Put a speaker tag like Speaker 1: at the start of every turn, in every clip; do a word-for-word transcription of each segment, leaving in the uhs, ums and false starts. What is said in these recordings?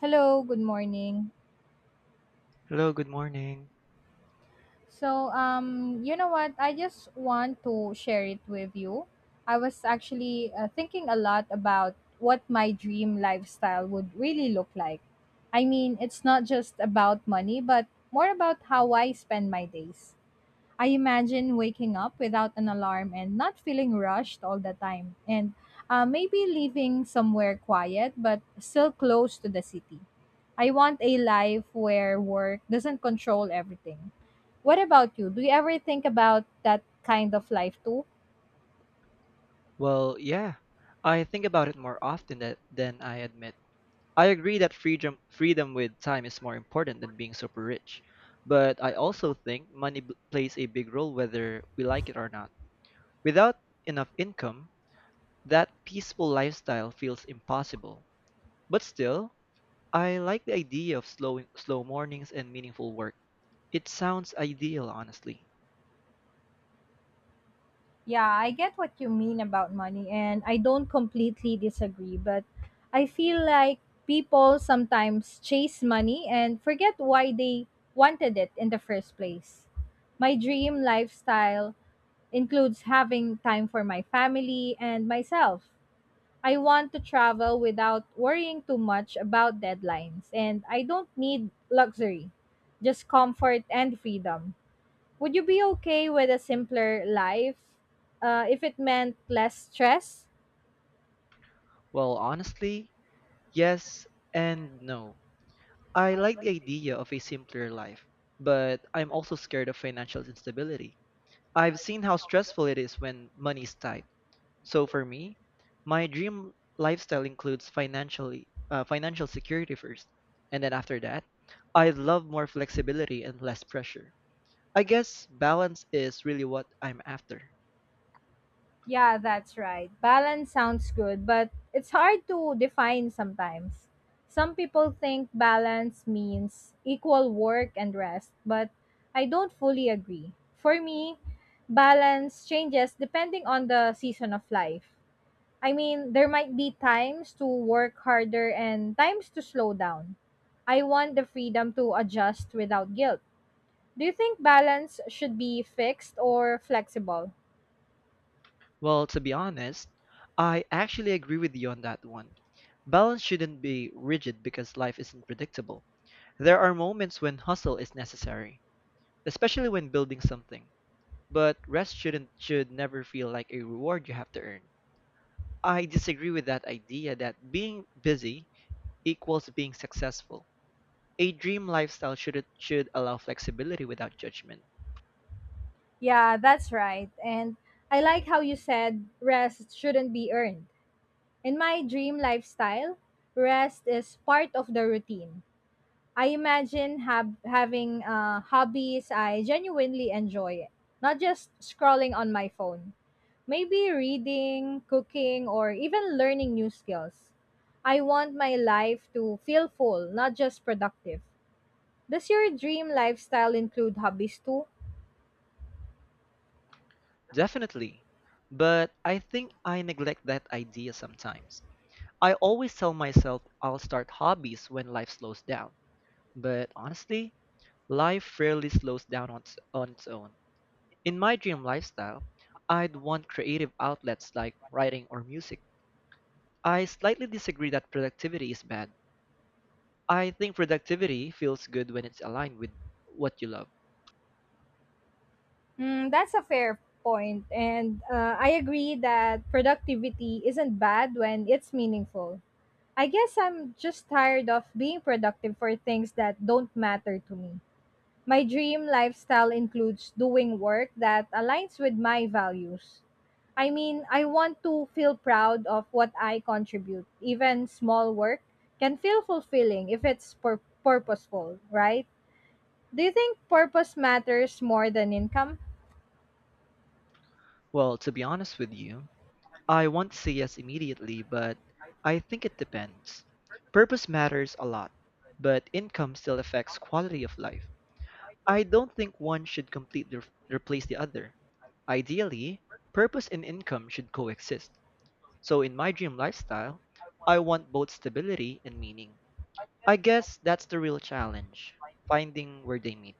Speaker 1: Hello, good morning.
Speaker 2: Hello, good morning.
Speaker 1: So, um, you know what? I just want to share it with you. I was actually uh, thinking a lot about what my dream lifestyle would really look like. I mean, it's not just about money, but more about how I spend my days. I imagine waking up without an alarm and not feeling rushed all the time, and uh, maybe living somewhere quiet but still close to the city. I want a life where work doesn't control everything. What about you? Do you ever think about that kind of life too?
Speaker 2: Well, yeah, I think about it more often that, than I admit. I agree that freedom, freedom with time is more important than being super rich, but I also think money b- plays a big role whether we like it or not. Without enough income, that peaceful lifestyle feels impossible. But still, I like the idea of slow, slow mornings and meaningful work. It sounds ideal, honestly.
Speaker 1: Yeah, I get what you mean about money, and I don't completely disagree, but I feel like people sometimes chase money and forget why they wanted it in the first place. My dream lifestyle includes having time for my family and myself. I want to travel without worrying too much about deadlines, and I don't need luxury, just comfort and freedom. Would you be okay with a simpler life uh, if it meant less stress?
Speaker 2: Well, honestly, yes and no. I like the idea of a simpler life, but I'm also scared of financial instability. I've seen how stressful it is when money is tight. So for me, my dream lifestyle includes financially uh, financial security first, and then after that, I love more flexibility and less pressure. I guess balance is really what I'm after.
Speaker 1: Yeah, that's right. Balance sounds good, but it's hard to define sometimes. Some people think balance means equal work and rest, but I don't fully agree. For me, balance changes depending on the season of life. I mean, there might be times to work harder and times to slow down. I want the freedom to adjust without guilt. Do you think balance should be fixed or flexible?
Speaker 2: Well, to be honest, I actually agree with you on that one. Balance shouldn't be rigid because life isn't predictable. There are moments when hustle is necessary, especially when building something, but rest shouldn't should never feel like a reward you have to earn. I disagree with that idea that being busy equals being successful. A dream lifestyle should should allow flexibility without judgment.
Speaker 1: Yeah, that's right. And I like how you said rest shouldn't be earned. In my dream lifestyle, rest is part of the routine. I imagine hab- having uh, hobbies I genuinely enjoy, not just scrolling on my phone. Maybe reading, cooking, or even learning new skills. I want my life to feel full, not just productive. Does your dream lifestyle include hobbies too?
Speaker 2: Definitely. But I think I neglect that idea sometimes. I always tell myself I'll start hobbies when life slows down, but honestly, life rarely slows down on, its- on its own. In my dream lifestyle, I'd want creative outlets like writing or music. I slightly disagree that productivity is bad. I think productivity feels good when it's aligned with what you love.
Speaker 1: Mm, that's a fair point, and uh, I agree that productivity isn't bad when it's meaningful. I guess I'm just tired of being productive for things that don't matter to me. My dream lifestyle includes doing work that aligns with my values. I mean, I want to feel proud of what I contribute. Even small work can feel fulfilling if it's pur- purposeful, right? Do you think purpose matters more than income?
Speaker 2: Well, to be honest with you, I want to say yes immediately, but I think it depends. Purpose matters a lot, but income still affects quality of life. I don't think one should completely re- replace the other. Ideally, purpose and income should coexist. So in my dream lifestyle, I want both stability and meaning. I guess that's the real challenge, finding where they meet.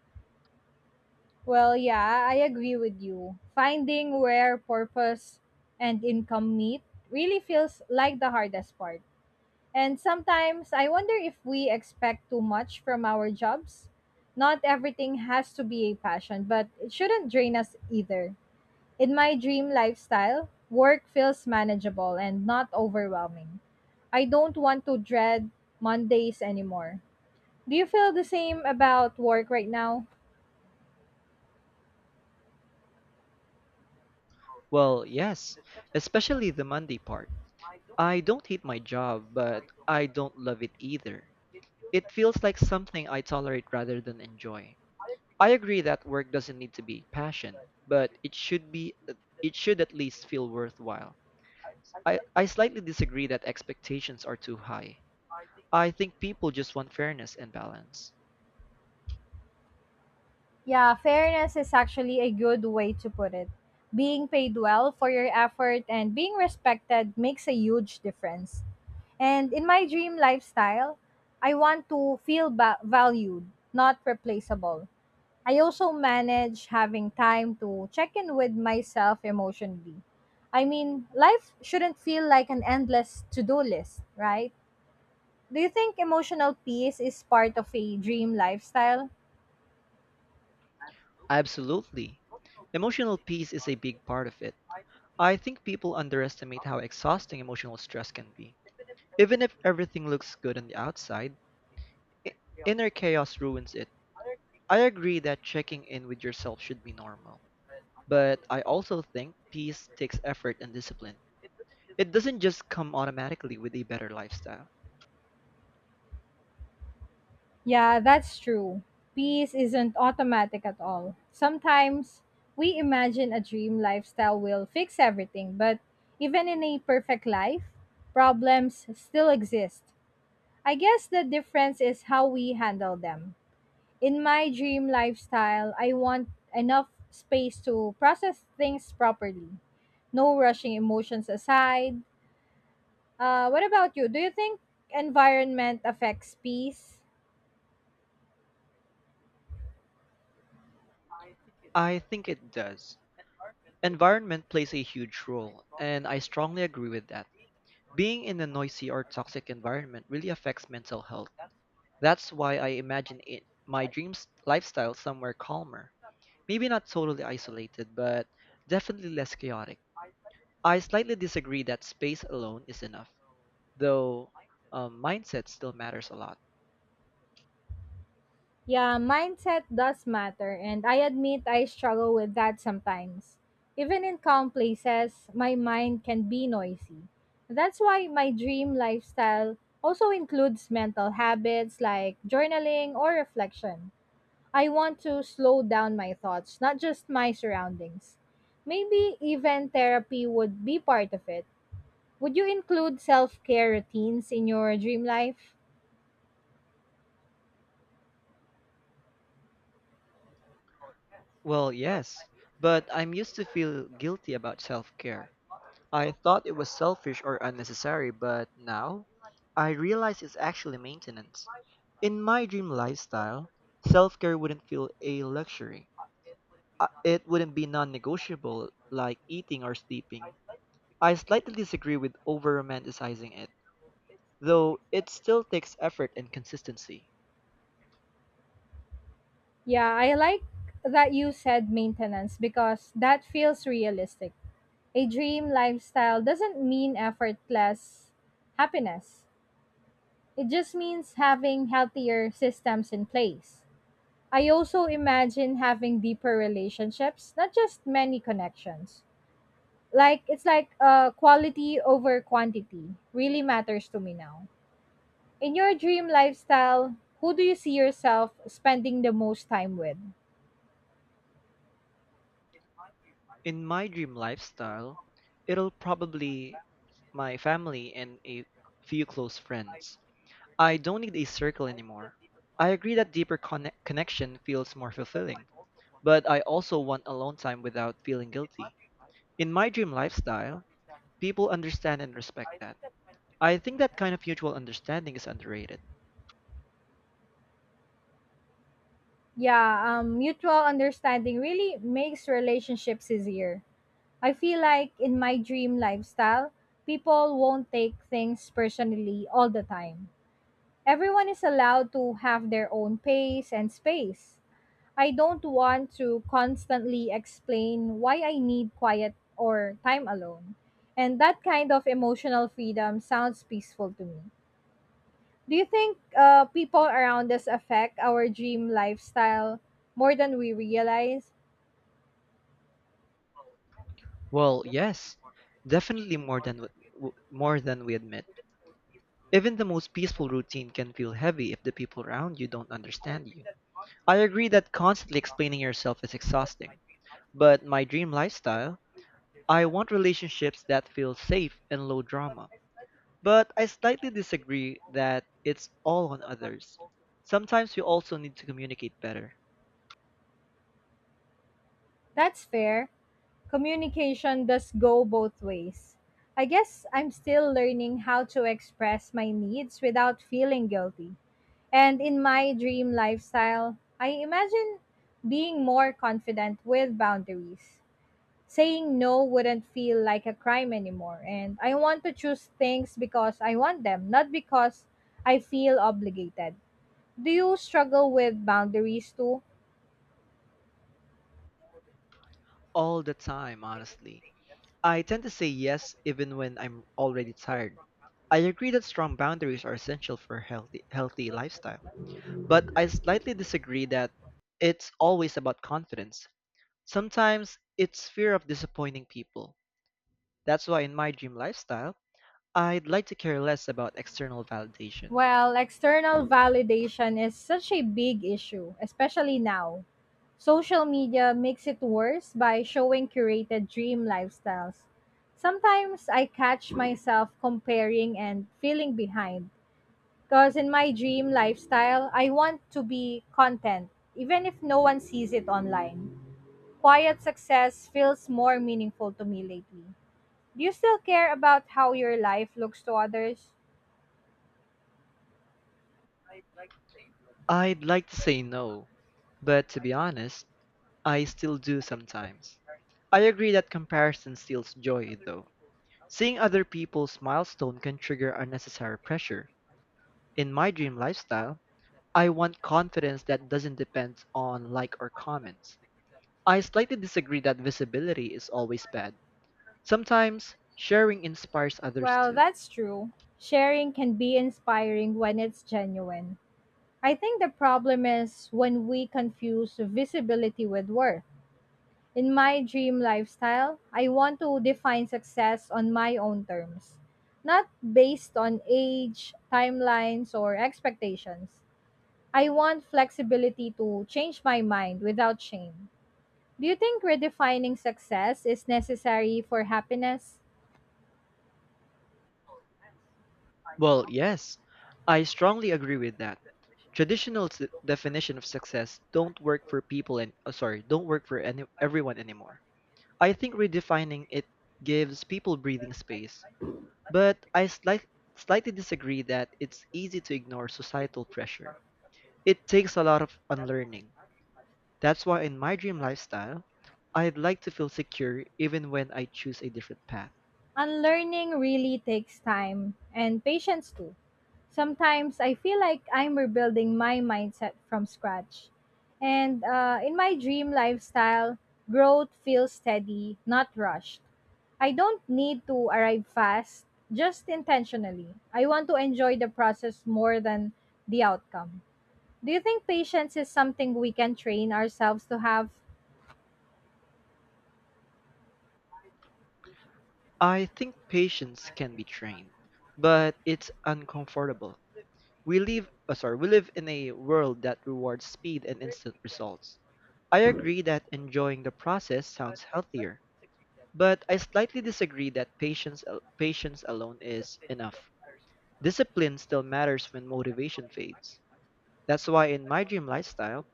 Speaker 1: Well, yeah, I agree with you. Finding where purpose and income meet really feels like the hardest part. And sometimes I wonder if we expect too much from our jobs. Not everything has to be a passion, but it shouldn't drain us either. In my dream lifestyle, work feels manageable and not overwhelming. I don't want to dread Mondays anymore. Do you feel the same about work right now?
Speaker 2: Well, yes, especially the Monday part. I don't hate my job, but I don't love it either. It feels like something I tolerate rather than enjoy. I agree that work doesn't need to be passion, but it should be it should at least feel worthwhile. I, I slightly disagree that expectations are too high. I think people just want fairness and balance.
Speaker 1: Yeah, fairness is actually a good way to put it. Being paid well for your effort and being respected makes a huge difference. And in my dream lifestyle, I want to feel ba- valued, not replaceable. I also manage having time to check in with myself emotionally. I mean, life shouldn't feel like an endless to do list, right? Do you think emotional peace is part of a dream lifestyle?
Speaker 2: Absolutely. Emotional peace is a big part of it. I think people underestimate how exhausting emotional stress can be. Even if everything looks good on the outside, i- inner chaos ruins it. I agree that checking in with yourself should be normal, but I also think peace takes effort and discipline. It doesn't just come automatically with a better lifestyle.
Speaker 1: Yeah, that's true. Peace isn't automatic at all. Sometimes we imagine a dream lifestyle will fix everything, but even in a perfect life, problems still exist. I guess the difference is how we handle them. In my dream lifestyle, I want enough space to process things properly, no rushing emotions aside. Uh, what about you? Do you think environment affects peace?
Speaker 2: I think it does. Environment plays a huge role, and I strongly agree with that. Being in a noisy or toxic environment really affects mental health. That's why I imagine it, my dreams lifestyle somewhere calmer. Maybe not totally isolated, but definitely less chaotic. I slightly disagree that space alone is enough, though um, mindset still matters a lot.
Speaker 1: Yeah, mindset does matter, and I admit I struggle with that sometimes. Even in calm places, my mind can be noisy. That's why my dream lifestyle also includes mental habits like journaling or reflection. I want to slow down my thoughts, not just my surroundings. Maybe even therapy would be part of it. Would you include self care routines in your dream life?
Speaker 2: Well, yes, but I'm used to feel guilty about self-care. I thought it was selfish or unnecessary, but now I realize it's actually maintenance. In my dream lifestyle, self-care wouldn't feel a luxury. Uh, It wouldn't be non-negotiable like eating or sleeping. I slightly disagree with over-romanticizing it, though it still takes effort and consistency.
Speaker 1: Yeah, I like that you said maintenance because that feels realistic. A dream lifestyle doesn't mean effortless happiness, it just means having healthier systems in place. I also imagine having deeper relationships, not just many connections. Like, it's like uh, Quality over quantity really matters to me now. In your dream lifestyle, who do you see yourself spending the most time with?
Speaker 2: In my dream lifestyle, it'll probably my family and a few close friends. I don't need a circle anymore. I agree that deeper conne- connection feels more fulfilling, but I also want alone time without feeling guilty. In my dream lifestyle, people understand and respect that. I think that kind of mutual understanding is underrated.
Speaker 1: Yeah, um, mutual understanding really makes relationships easier. I feel like in my dream lifestyle, people won't take things personally all the time. Everyone is allowed to have their own pace and space. I don't want to constantly explain why I need quiet or time alone. And that kind of emotional freedom sounds peaceful to me. Do you think uh, people around us affect our dream lifestyle more than we realize?
Speaker 2: Well, yes, definitely more than w- w- more than we admit. Even the most peaceful routine can feel heavy if the people around you don't understand you. I agree that constantly explaining yourself is exhausting. But my dream lifestyle, I want relationships that feel safe and low drama. But I slightly disagree that it's all on others. Sometimes we also need to communicate better.
Speaker 1: That's fair. Communication does go both ways. I guess I'm still learning how to express my needs without feeling guilty. And in my dream lifestyle, I imagine being more confident with boundaries. Saying no wouldn't feel like a crime anymore, and I want to choose things because I want them, not because I feel obligated. Do you struggle with boundaries too?
Speaker 2: All the time, honestly. I tend to say yes even when I'm already tired. I agree that strong boundaries are essential for a healthy healthy lifestyle. But I slightly disagree that it's always about confidence. Sometimes it's fear of disappointing people. That's why in my dream lifestyle, I'd like to care less about external validation.
Speaker 1: Well, external validation is such a big issue, especially now. Social media makes it worse by showing curated dream lifestyles. Sometimes I catch myself comparing and feeling behind. Because in my dream lifestyle, I want to be content, even if no one sees it online. Quiet success feels more meaningful to me lately. Do you still care about how your life looks to others?
Speaker 2: I'd like to say no, but to be honest, I still do sometimes. I agree that comparison steals joy, though. Seeing other people's milestone can trigger unnecessary pressure. In my dream lifestyle, I want confidence that doesn't depend on like or comments. I slightly disagree that visibility is always bad. Sometimes, sharing inspires others
Speaker 1: Well,
Speaker 2: too.
Speaker 1: that's true. Sharing can be inspiring when it's genuine. I think the problem is when we confuse visibility with worth. In my dream lifestyle, I want to define success on my own terms, not based on age, timelines, or expectations. I want flexibility to change my mind without shame. Do you think redefining success is necessary for happiness?
Speaker 2: Well, yes, I strongly agree with that. Traditional s- definition of success don't work for people and uh, sorry, don't work for any, everyone anymore. I think redefining it gives people breathing space, but I slight, slightly disagree that it's easy to ignore societal pressure. It takes a lot of unlearning. That's why in my dream lifestyle, I'd like to feel secure even when I choose a different path.
Speaker 1: Unlearning really takes time and patience too. Sometimes I feel like I'm rebuilding my mindset from scratch. And uh, in my dream lifestyle, growth feels steady, not rushed. I don't need to arrive fast, just intentionally. I want to enjoy the process more than the outcome. Do you think patience is something we can train ourselves to have?
Speaker 2: I think patience can be trained, but it's uncomfortable. We live, uh, sorry, we live in a world that rewards speed and instant results. I agree that enjoying the process sounds healthier, but I slightly disagree that patience, al- patience alone is enough. Discipline still matters when motivation fades. That's why in my dream lifestyle,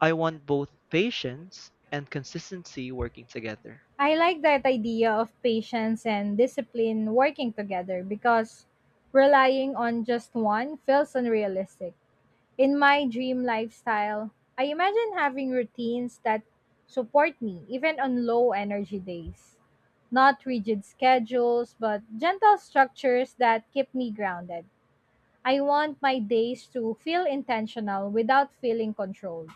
Speaker 2: I want both patience and consistency working together.
Speaker 1: I like that idea of patience and discipline working together because relying on just one feels unrealistic. In my dream lifestyle, I imagine having routines that support me even on low energy days. Not rigid schedules, but gentle structures that keep me grounded. I want my days to feel intentional without feeling controlled.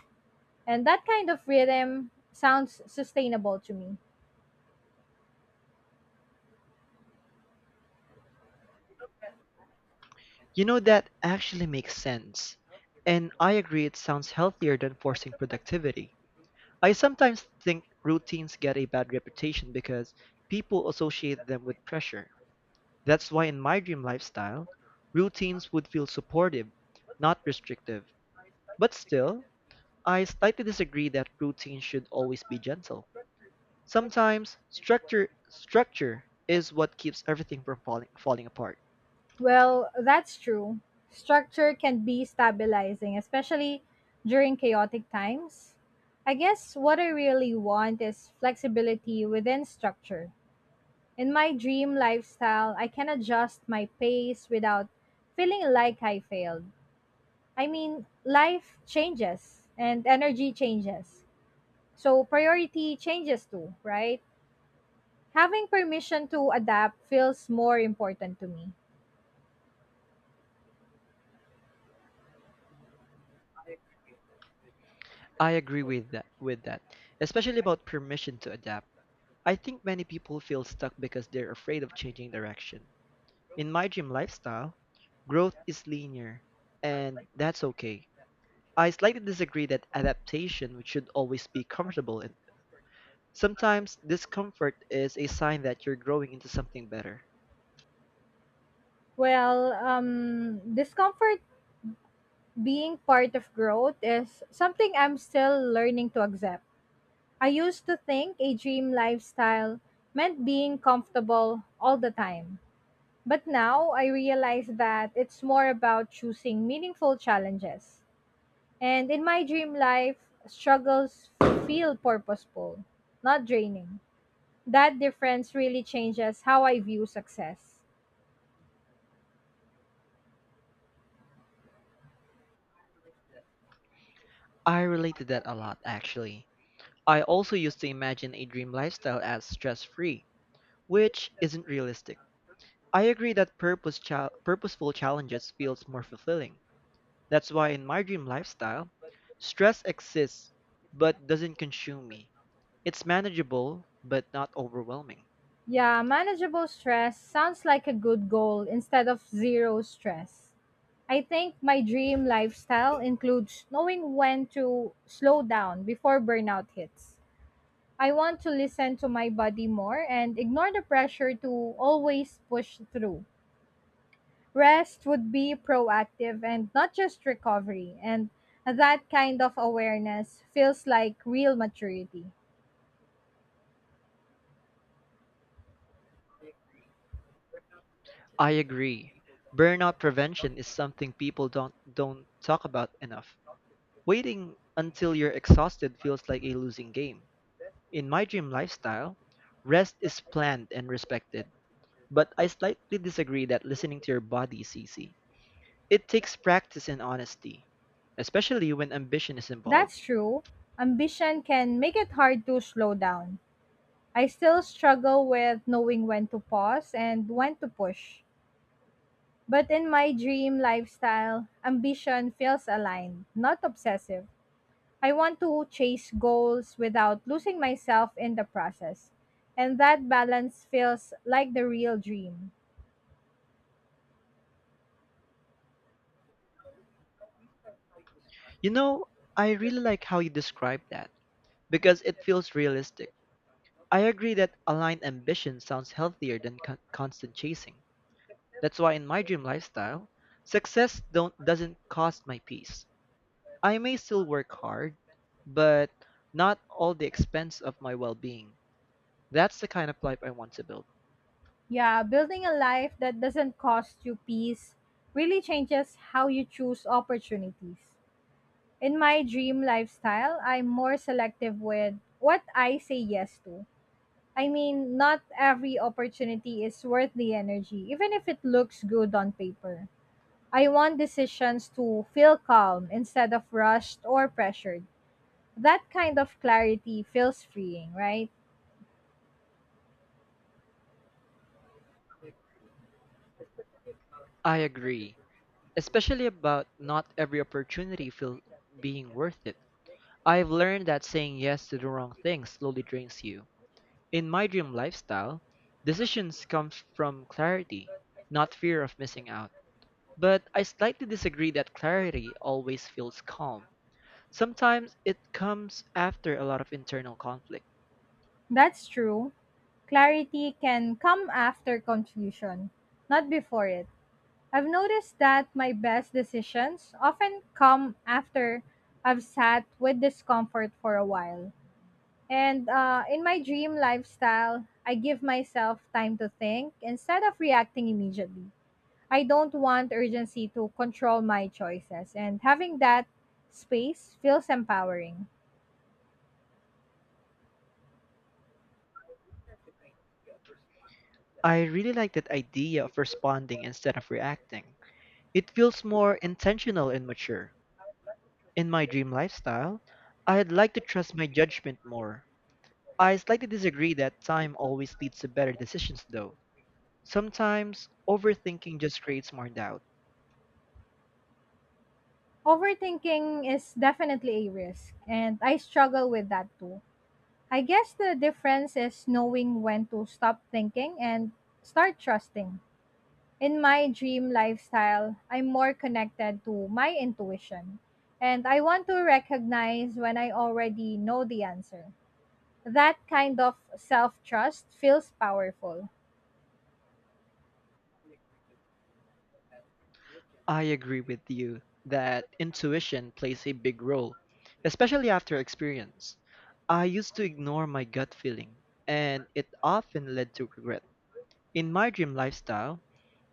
Speaker 1: And that kind of rhythm sounds sustainable to me.
Speaker 2: You know, that actually makes sense. And I agree it sounds healthier than forcing productivity. I sometimes think routines get a bad reputation because people associate them with pressure. That's why in my dream lifestyle, routines would feel supportive, not restrictive. But still, I slightly disagree that routines should always be gentle. Sometimes structure structure is what keeps everything from falling falling apart.
Speaker 1: Well, that's true. Structure can be stabilizing, especially during chaotic times. I guess what I really want is flexibility within structure. In my dream lifestyle, I can adjust my pace without feeling like I failed. I mean, life changes and energy changes. So priority changes too, right? Having permission to adapt feels more important to me.
Speaker 2: I agree with that with that, especially about permission to adapt. I think many people feel stuck because they're afraid of changing direction. In my gym lifestyle, growth is linear, and that's okay. I slightly disagree that adaptation should always be comfortable, and sometimes discomfort is a sign that you're growing into something better.
Speaker 1: Well, um, discomfort being part of growth is something I'm still learning to accept. I used to think a dream lifestyle meant being comfortable all the time. But now I realize that it's more about choosing meaningful challenges. And in my dream life, struggles feel purposeful, not draining. That difference really changes how I view success.
Speaker 2: I relate to that a lot, actually. I also used to imagine a dream lifestyle as stress free, which isn't realistic. I agree that purpose chal- purposeful challenges feels more fulfilling. That's why in my dream lifestyle, stress exists but doesn't consume me. It's manageable, but not overwhelming.
Speaker 1: Yeah, manageable stress sounds like a good goal instead of zero stress. I think my dream lifestyle includes knowing when to slow down before burnout hits. I want to listen to my body more and ignore the pressure to always push through. Rest would be proactive and not just recovery, and that kind of awareness feels like real maturity.
Speaker 2: I agree. Burnout prevention is something people don't don't talk about enough. Waiting until you're exhausted feels like a losing game. In my dream lifestyle, rest is planned and respected, but I slightly disagree that listening to your body is easy. It takes practice and honesty, especially when ambition is involved.
Speaker 1: That's true. Ambition can make it hard to slow down. I still struggle with knowing when to pause and when to push. But in my dream lifestyle, ambition feels aligned, not obsessive. I want to chase goals without losing myself in the process. And that balance feels like the real dream.
Speaker 2: You know, I really like how you describe that because it feels realistic. I agree that aligned ambition sounds healthier than con- constant chasing. That's why in my dream lifestyle, success don't doesn't cost my peace. I may still work hard, but not all the expense of my well-being. That's the kind of life I want to build.
Speaker 1: Yeah, building a life that doesn't cost you peace really changes how you choose opportunities. In my dream lifestyle, I'm more selective with what I say yes to. I mean, not every opportunity is worth the energy, even if it looks good on paper. I want decisions to feel calm instead of rushed or pressured. That kind of clarity feels freeing, right?
Speaker 2: I agree, especially about not every opportunity feel being worth it. I've learned that saying yes to the wrong thing slowly drains you. In my dream lifestyle, decisions come from clarity, not fear of missing out. But I slightly disagree that clarity always feels calm. Sometimes it comes after a lot of internal conflict.
Speaker 1: That's true. Clarity can come after confusion, not before it. I've noticed that my best decisions often come after I've sat with discomfort for a while. And uh, in my dream lifestyle, I give myself time to think instead of reacting immediately. I don't want urgency to control my choices, and having that space feels empowering.
Speaker 2: I really like that idea of responding instead of reacting. It feels more intentional and mature. In my dream lifestyle, I'd like to trust my judgment more. I slightly disagree that time always leads to better decisions, though. Sometimes overthinking just creates more doubt.
Speaker 1: Overthinking is definitely a risk, and I struggle with that too. I guess the difference is knowing when to stop thinking and start trusting. In my dream lifestyle, I'm more connected to my intuition. And I want to recognize when I already know the answer. That kind of self trust feels powerful.
Speaker 2: I agree with you that intuition plays a big role, especially after experience. I used to ignore my gut feeling, and it often led to regret. In my dream lifestyle,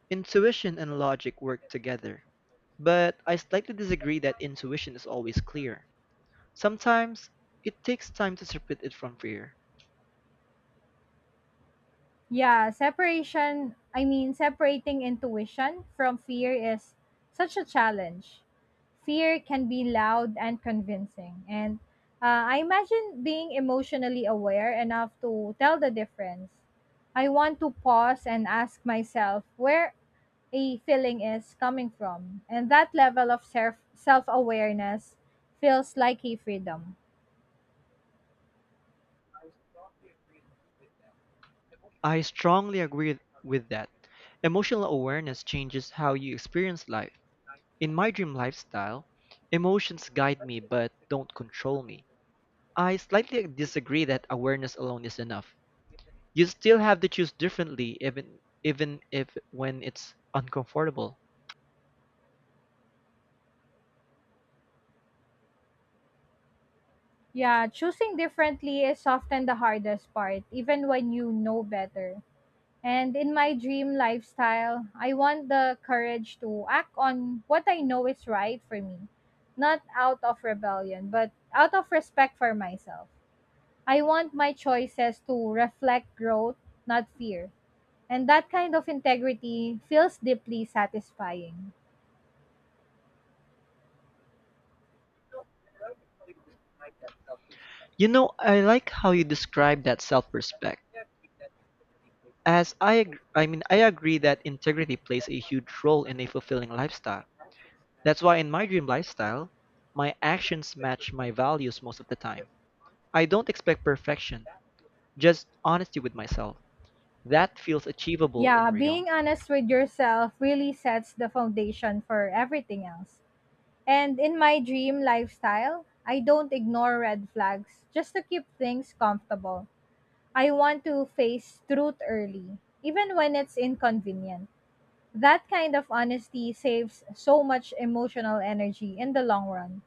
Speaker 2: intuition and logic work together, but I slightly disagree that intuition is always clear. Sometimes it takes time to separate it from fear.
Speaker 1: Yeah, separation, I mean, separating intuition from fear is such a challenge. Fear can be loud and convincing. And uh, I imagine being emotionally aware enough to tell the difference. I want to pause and ask myself where a feeling is coming from. And that level of self awareness feels like a freedom.
Speaker 2: I strongly agree with that. Emotional awareness changes how you experience life. In my dream lifestyle, emotions guide me but don't control me. I slightly disagree that awareness alone is enough. You still have to choose differently even even if when it's uncomfortable.
Speaker 1: Yeah, choosing differently is often the hardest part, even when you know better. And in my dream lifestyle, I want the courage to act on what I know is right for me, not out of rebellion, but out of respect for myself. I want my choices to reflect growth, not fear. And that kind of integrity feels deeply satisfying.
Speaker 2: You know, I like how you describe that self-respect. As I ag- I mean, I agree that integrity plays a huge role in a fulfilling lifestyle. That's why in my dream lifestyle, my actions match my values most of the time. I don't expect perfection, just honesty with myself. That feels achievable and
Speaker 1: Yeah,
Speaker 2: real.
Speaker 1: being honest with yourself really sets the foundation for everything else. And in my dream lifestyle, I don't ignore red flags just to keep things comfortable. I want to face truth early, even when it's inconvenient. That kind of honesty saves so much emotional energy in the long run.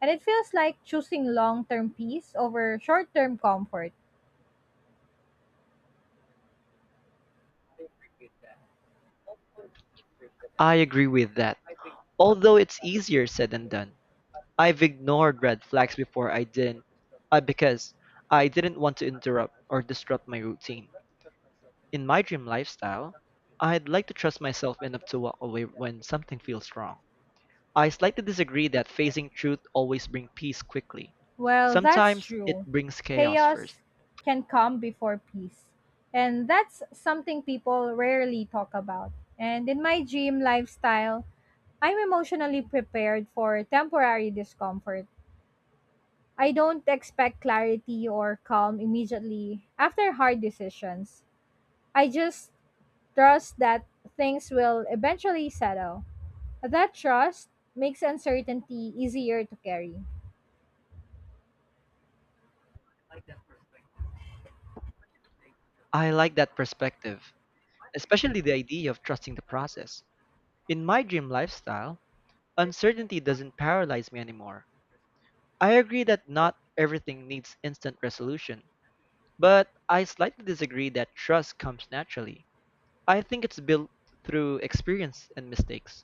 Speaker 1: And it feels like choosing long term peace over short term comfort.
Speaker 2: I agree with that, although it's easier said than done. I've ignored red flags before I didn't, uh, because I didn't want to interrupt or disrupt my routine. In my dream lifestyle, I'd like to trust myself enough to walk away when something feels wrong. I slightly disagree that facing truth always brings peace quickly.
Speaker 1: Well, that's
Speaker 2: Sometimes it
Speaker 1: true.
Speaker 2: brings chaos
Speaker 1: Chaos
Speaker 2: first.
Speaker 1: can come before peace. And that's something people rarely talk about. And in my gym lifestyle, I'm emotionally prepared for temporary discomfort. I don't expect clarity or calm immediately after hard decisions. I just trust that things will eventually settle. That trust makes uncertainty easier to carry.
Speaker 2: I like that perspective, especially the idea of trusting the process. In my dream lifestyle, uncertainty doesn't paralyze me anymore. I agree that not everything needs instant resolution, but I slightly disagree that trust comes naturally. I think it's built through experience and mistakes.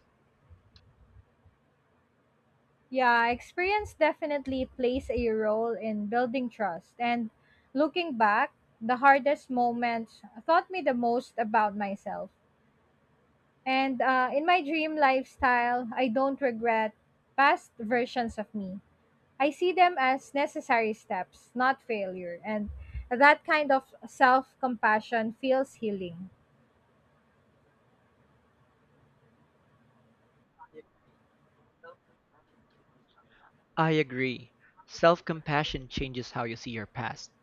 Speaker 1: Yeah, experience definitely plays a role in building trust. And looking back, the hardest moments taught me the most about myself. And uh, in my dream lifestyle, I don't regret past versions of me. I see them as necessary steps, not failure, and that kind of self compassion feels healing.
Speaker 2: I agree. Self compassion changes how you see your past.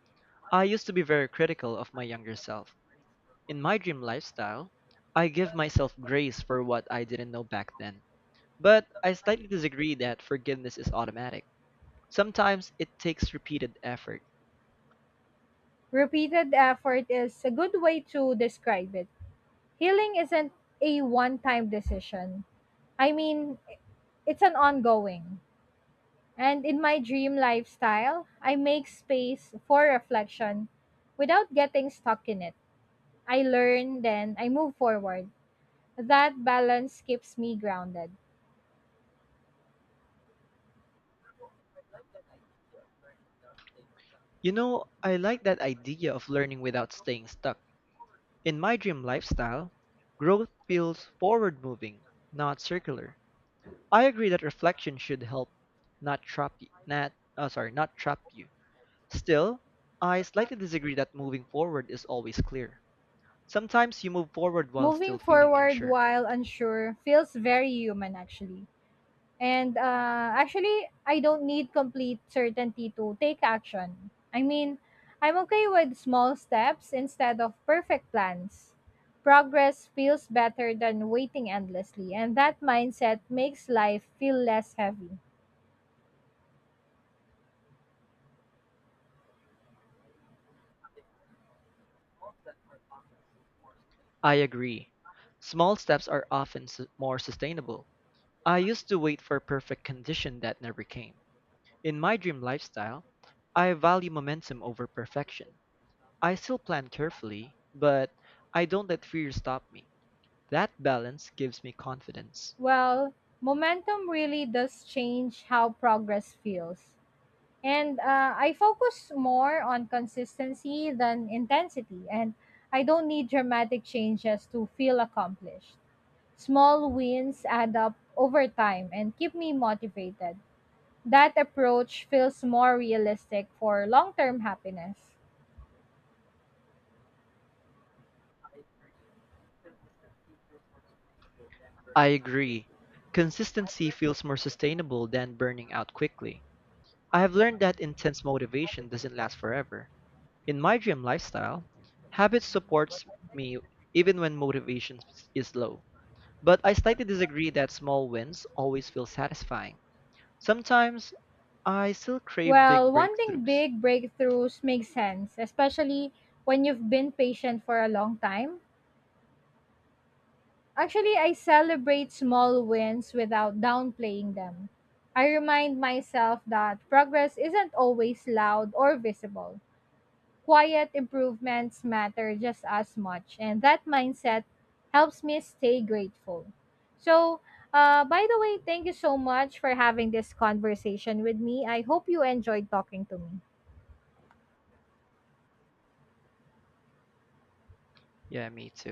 Speaker 2: I used to be very critical of my younger self. In my dream lifestyle, I give myself grace for what I didn't know back then. But I slightly disagree that forgiveness is automatic. Sometimes it takes repeated effort.
Speaker 1: Repeated effort is a good way to describe it. Healing isn't a one time decision. I mean, it's an ongoing. And in my dream lifestyle, I make space for reflection without getting stuck in it. I learn, then I move forward. That balance keeps me grounded.
Speaker 2: You know, I like that idea of learning without staying stuck. In my dream lifestyle, growth feels forward moving, not circular. I agree that reflection should help not trap you, not, uh, sorry, not trap you. Still, I slightly disagree that moving forward is always clear. Sometimes you move forward while
Speaker 1: Moving
Speaker 2: still feeling
Speaker 1: forward
Speaker 2: unsure.
Speaker 1: while unsure feels very human actually. And uh, actually I don't need complete certainty to take action. I mean, I'm okay with small steps instead of perfect plans. Progress feels better than waiting endlessly, and that mindset makes life feel less heavy.
Speaker 2: I agree. Small steps are often su- more sustainable. I used to wait for perfect condition that never came. In my dream lifestyle, I value momentum over perfection. I still plan carefully, but I don't let fear stop me. That balance gives me confidence.
Speaker 1: Well, momentum really does change how progress feels. And uh, I focus more on consistency than intensity. And I don't need dramatic changes to feel accomplished. Small wins add up over time and keep me motivated. That approach feels more realistic for long term happiness.
Speaker 2: I agree. Consistency feels more sustainable than burning out quickly. I have learned that intense motivation doesn't last forever. In my dream lifestyle, habit supports me even when motivation is low. But I slightly disagree that small wins always feel satisfying. Sometimes I still crave
Speaker 1: Well,
Speaker 2: big
Speaker 1: wanting
Speaker 2: breakthroughs.
Speaker 1: big breakthroughs makes sense, especially when you've been patient for a long time. Actually, I celebrate small wins without downplaying them. I remind myself that progress isn't always loud or visible. Quiet improvements matter just as much, and that mindset helps me stay grateful. So, uh, by the way, thank you so much for having this conversation with me. I hope you enjoyed talking to me.
Speaker 2: Yeah, me too.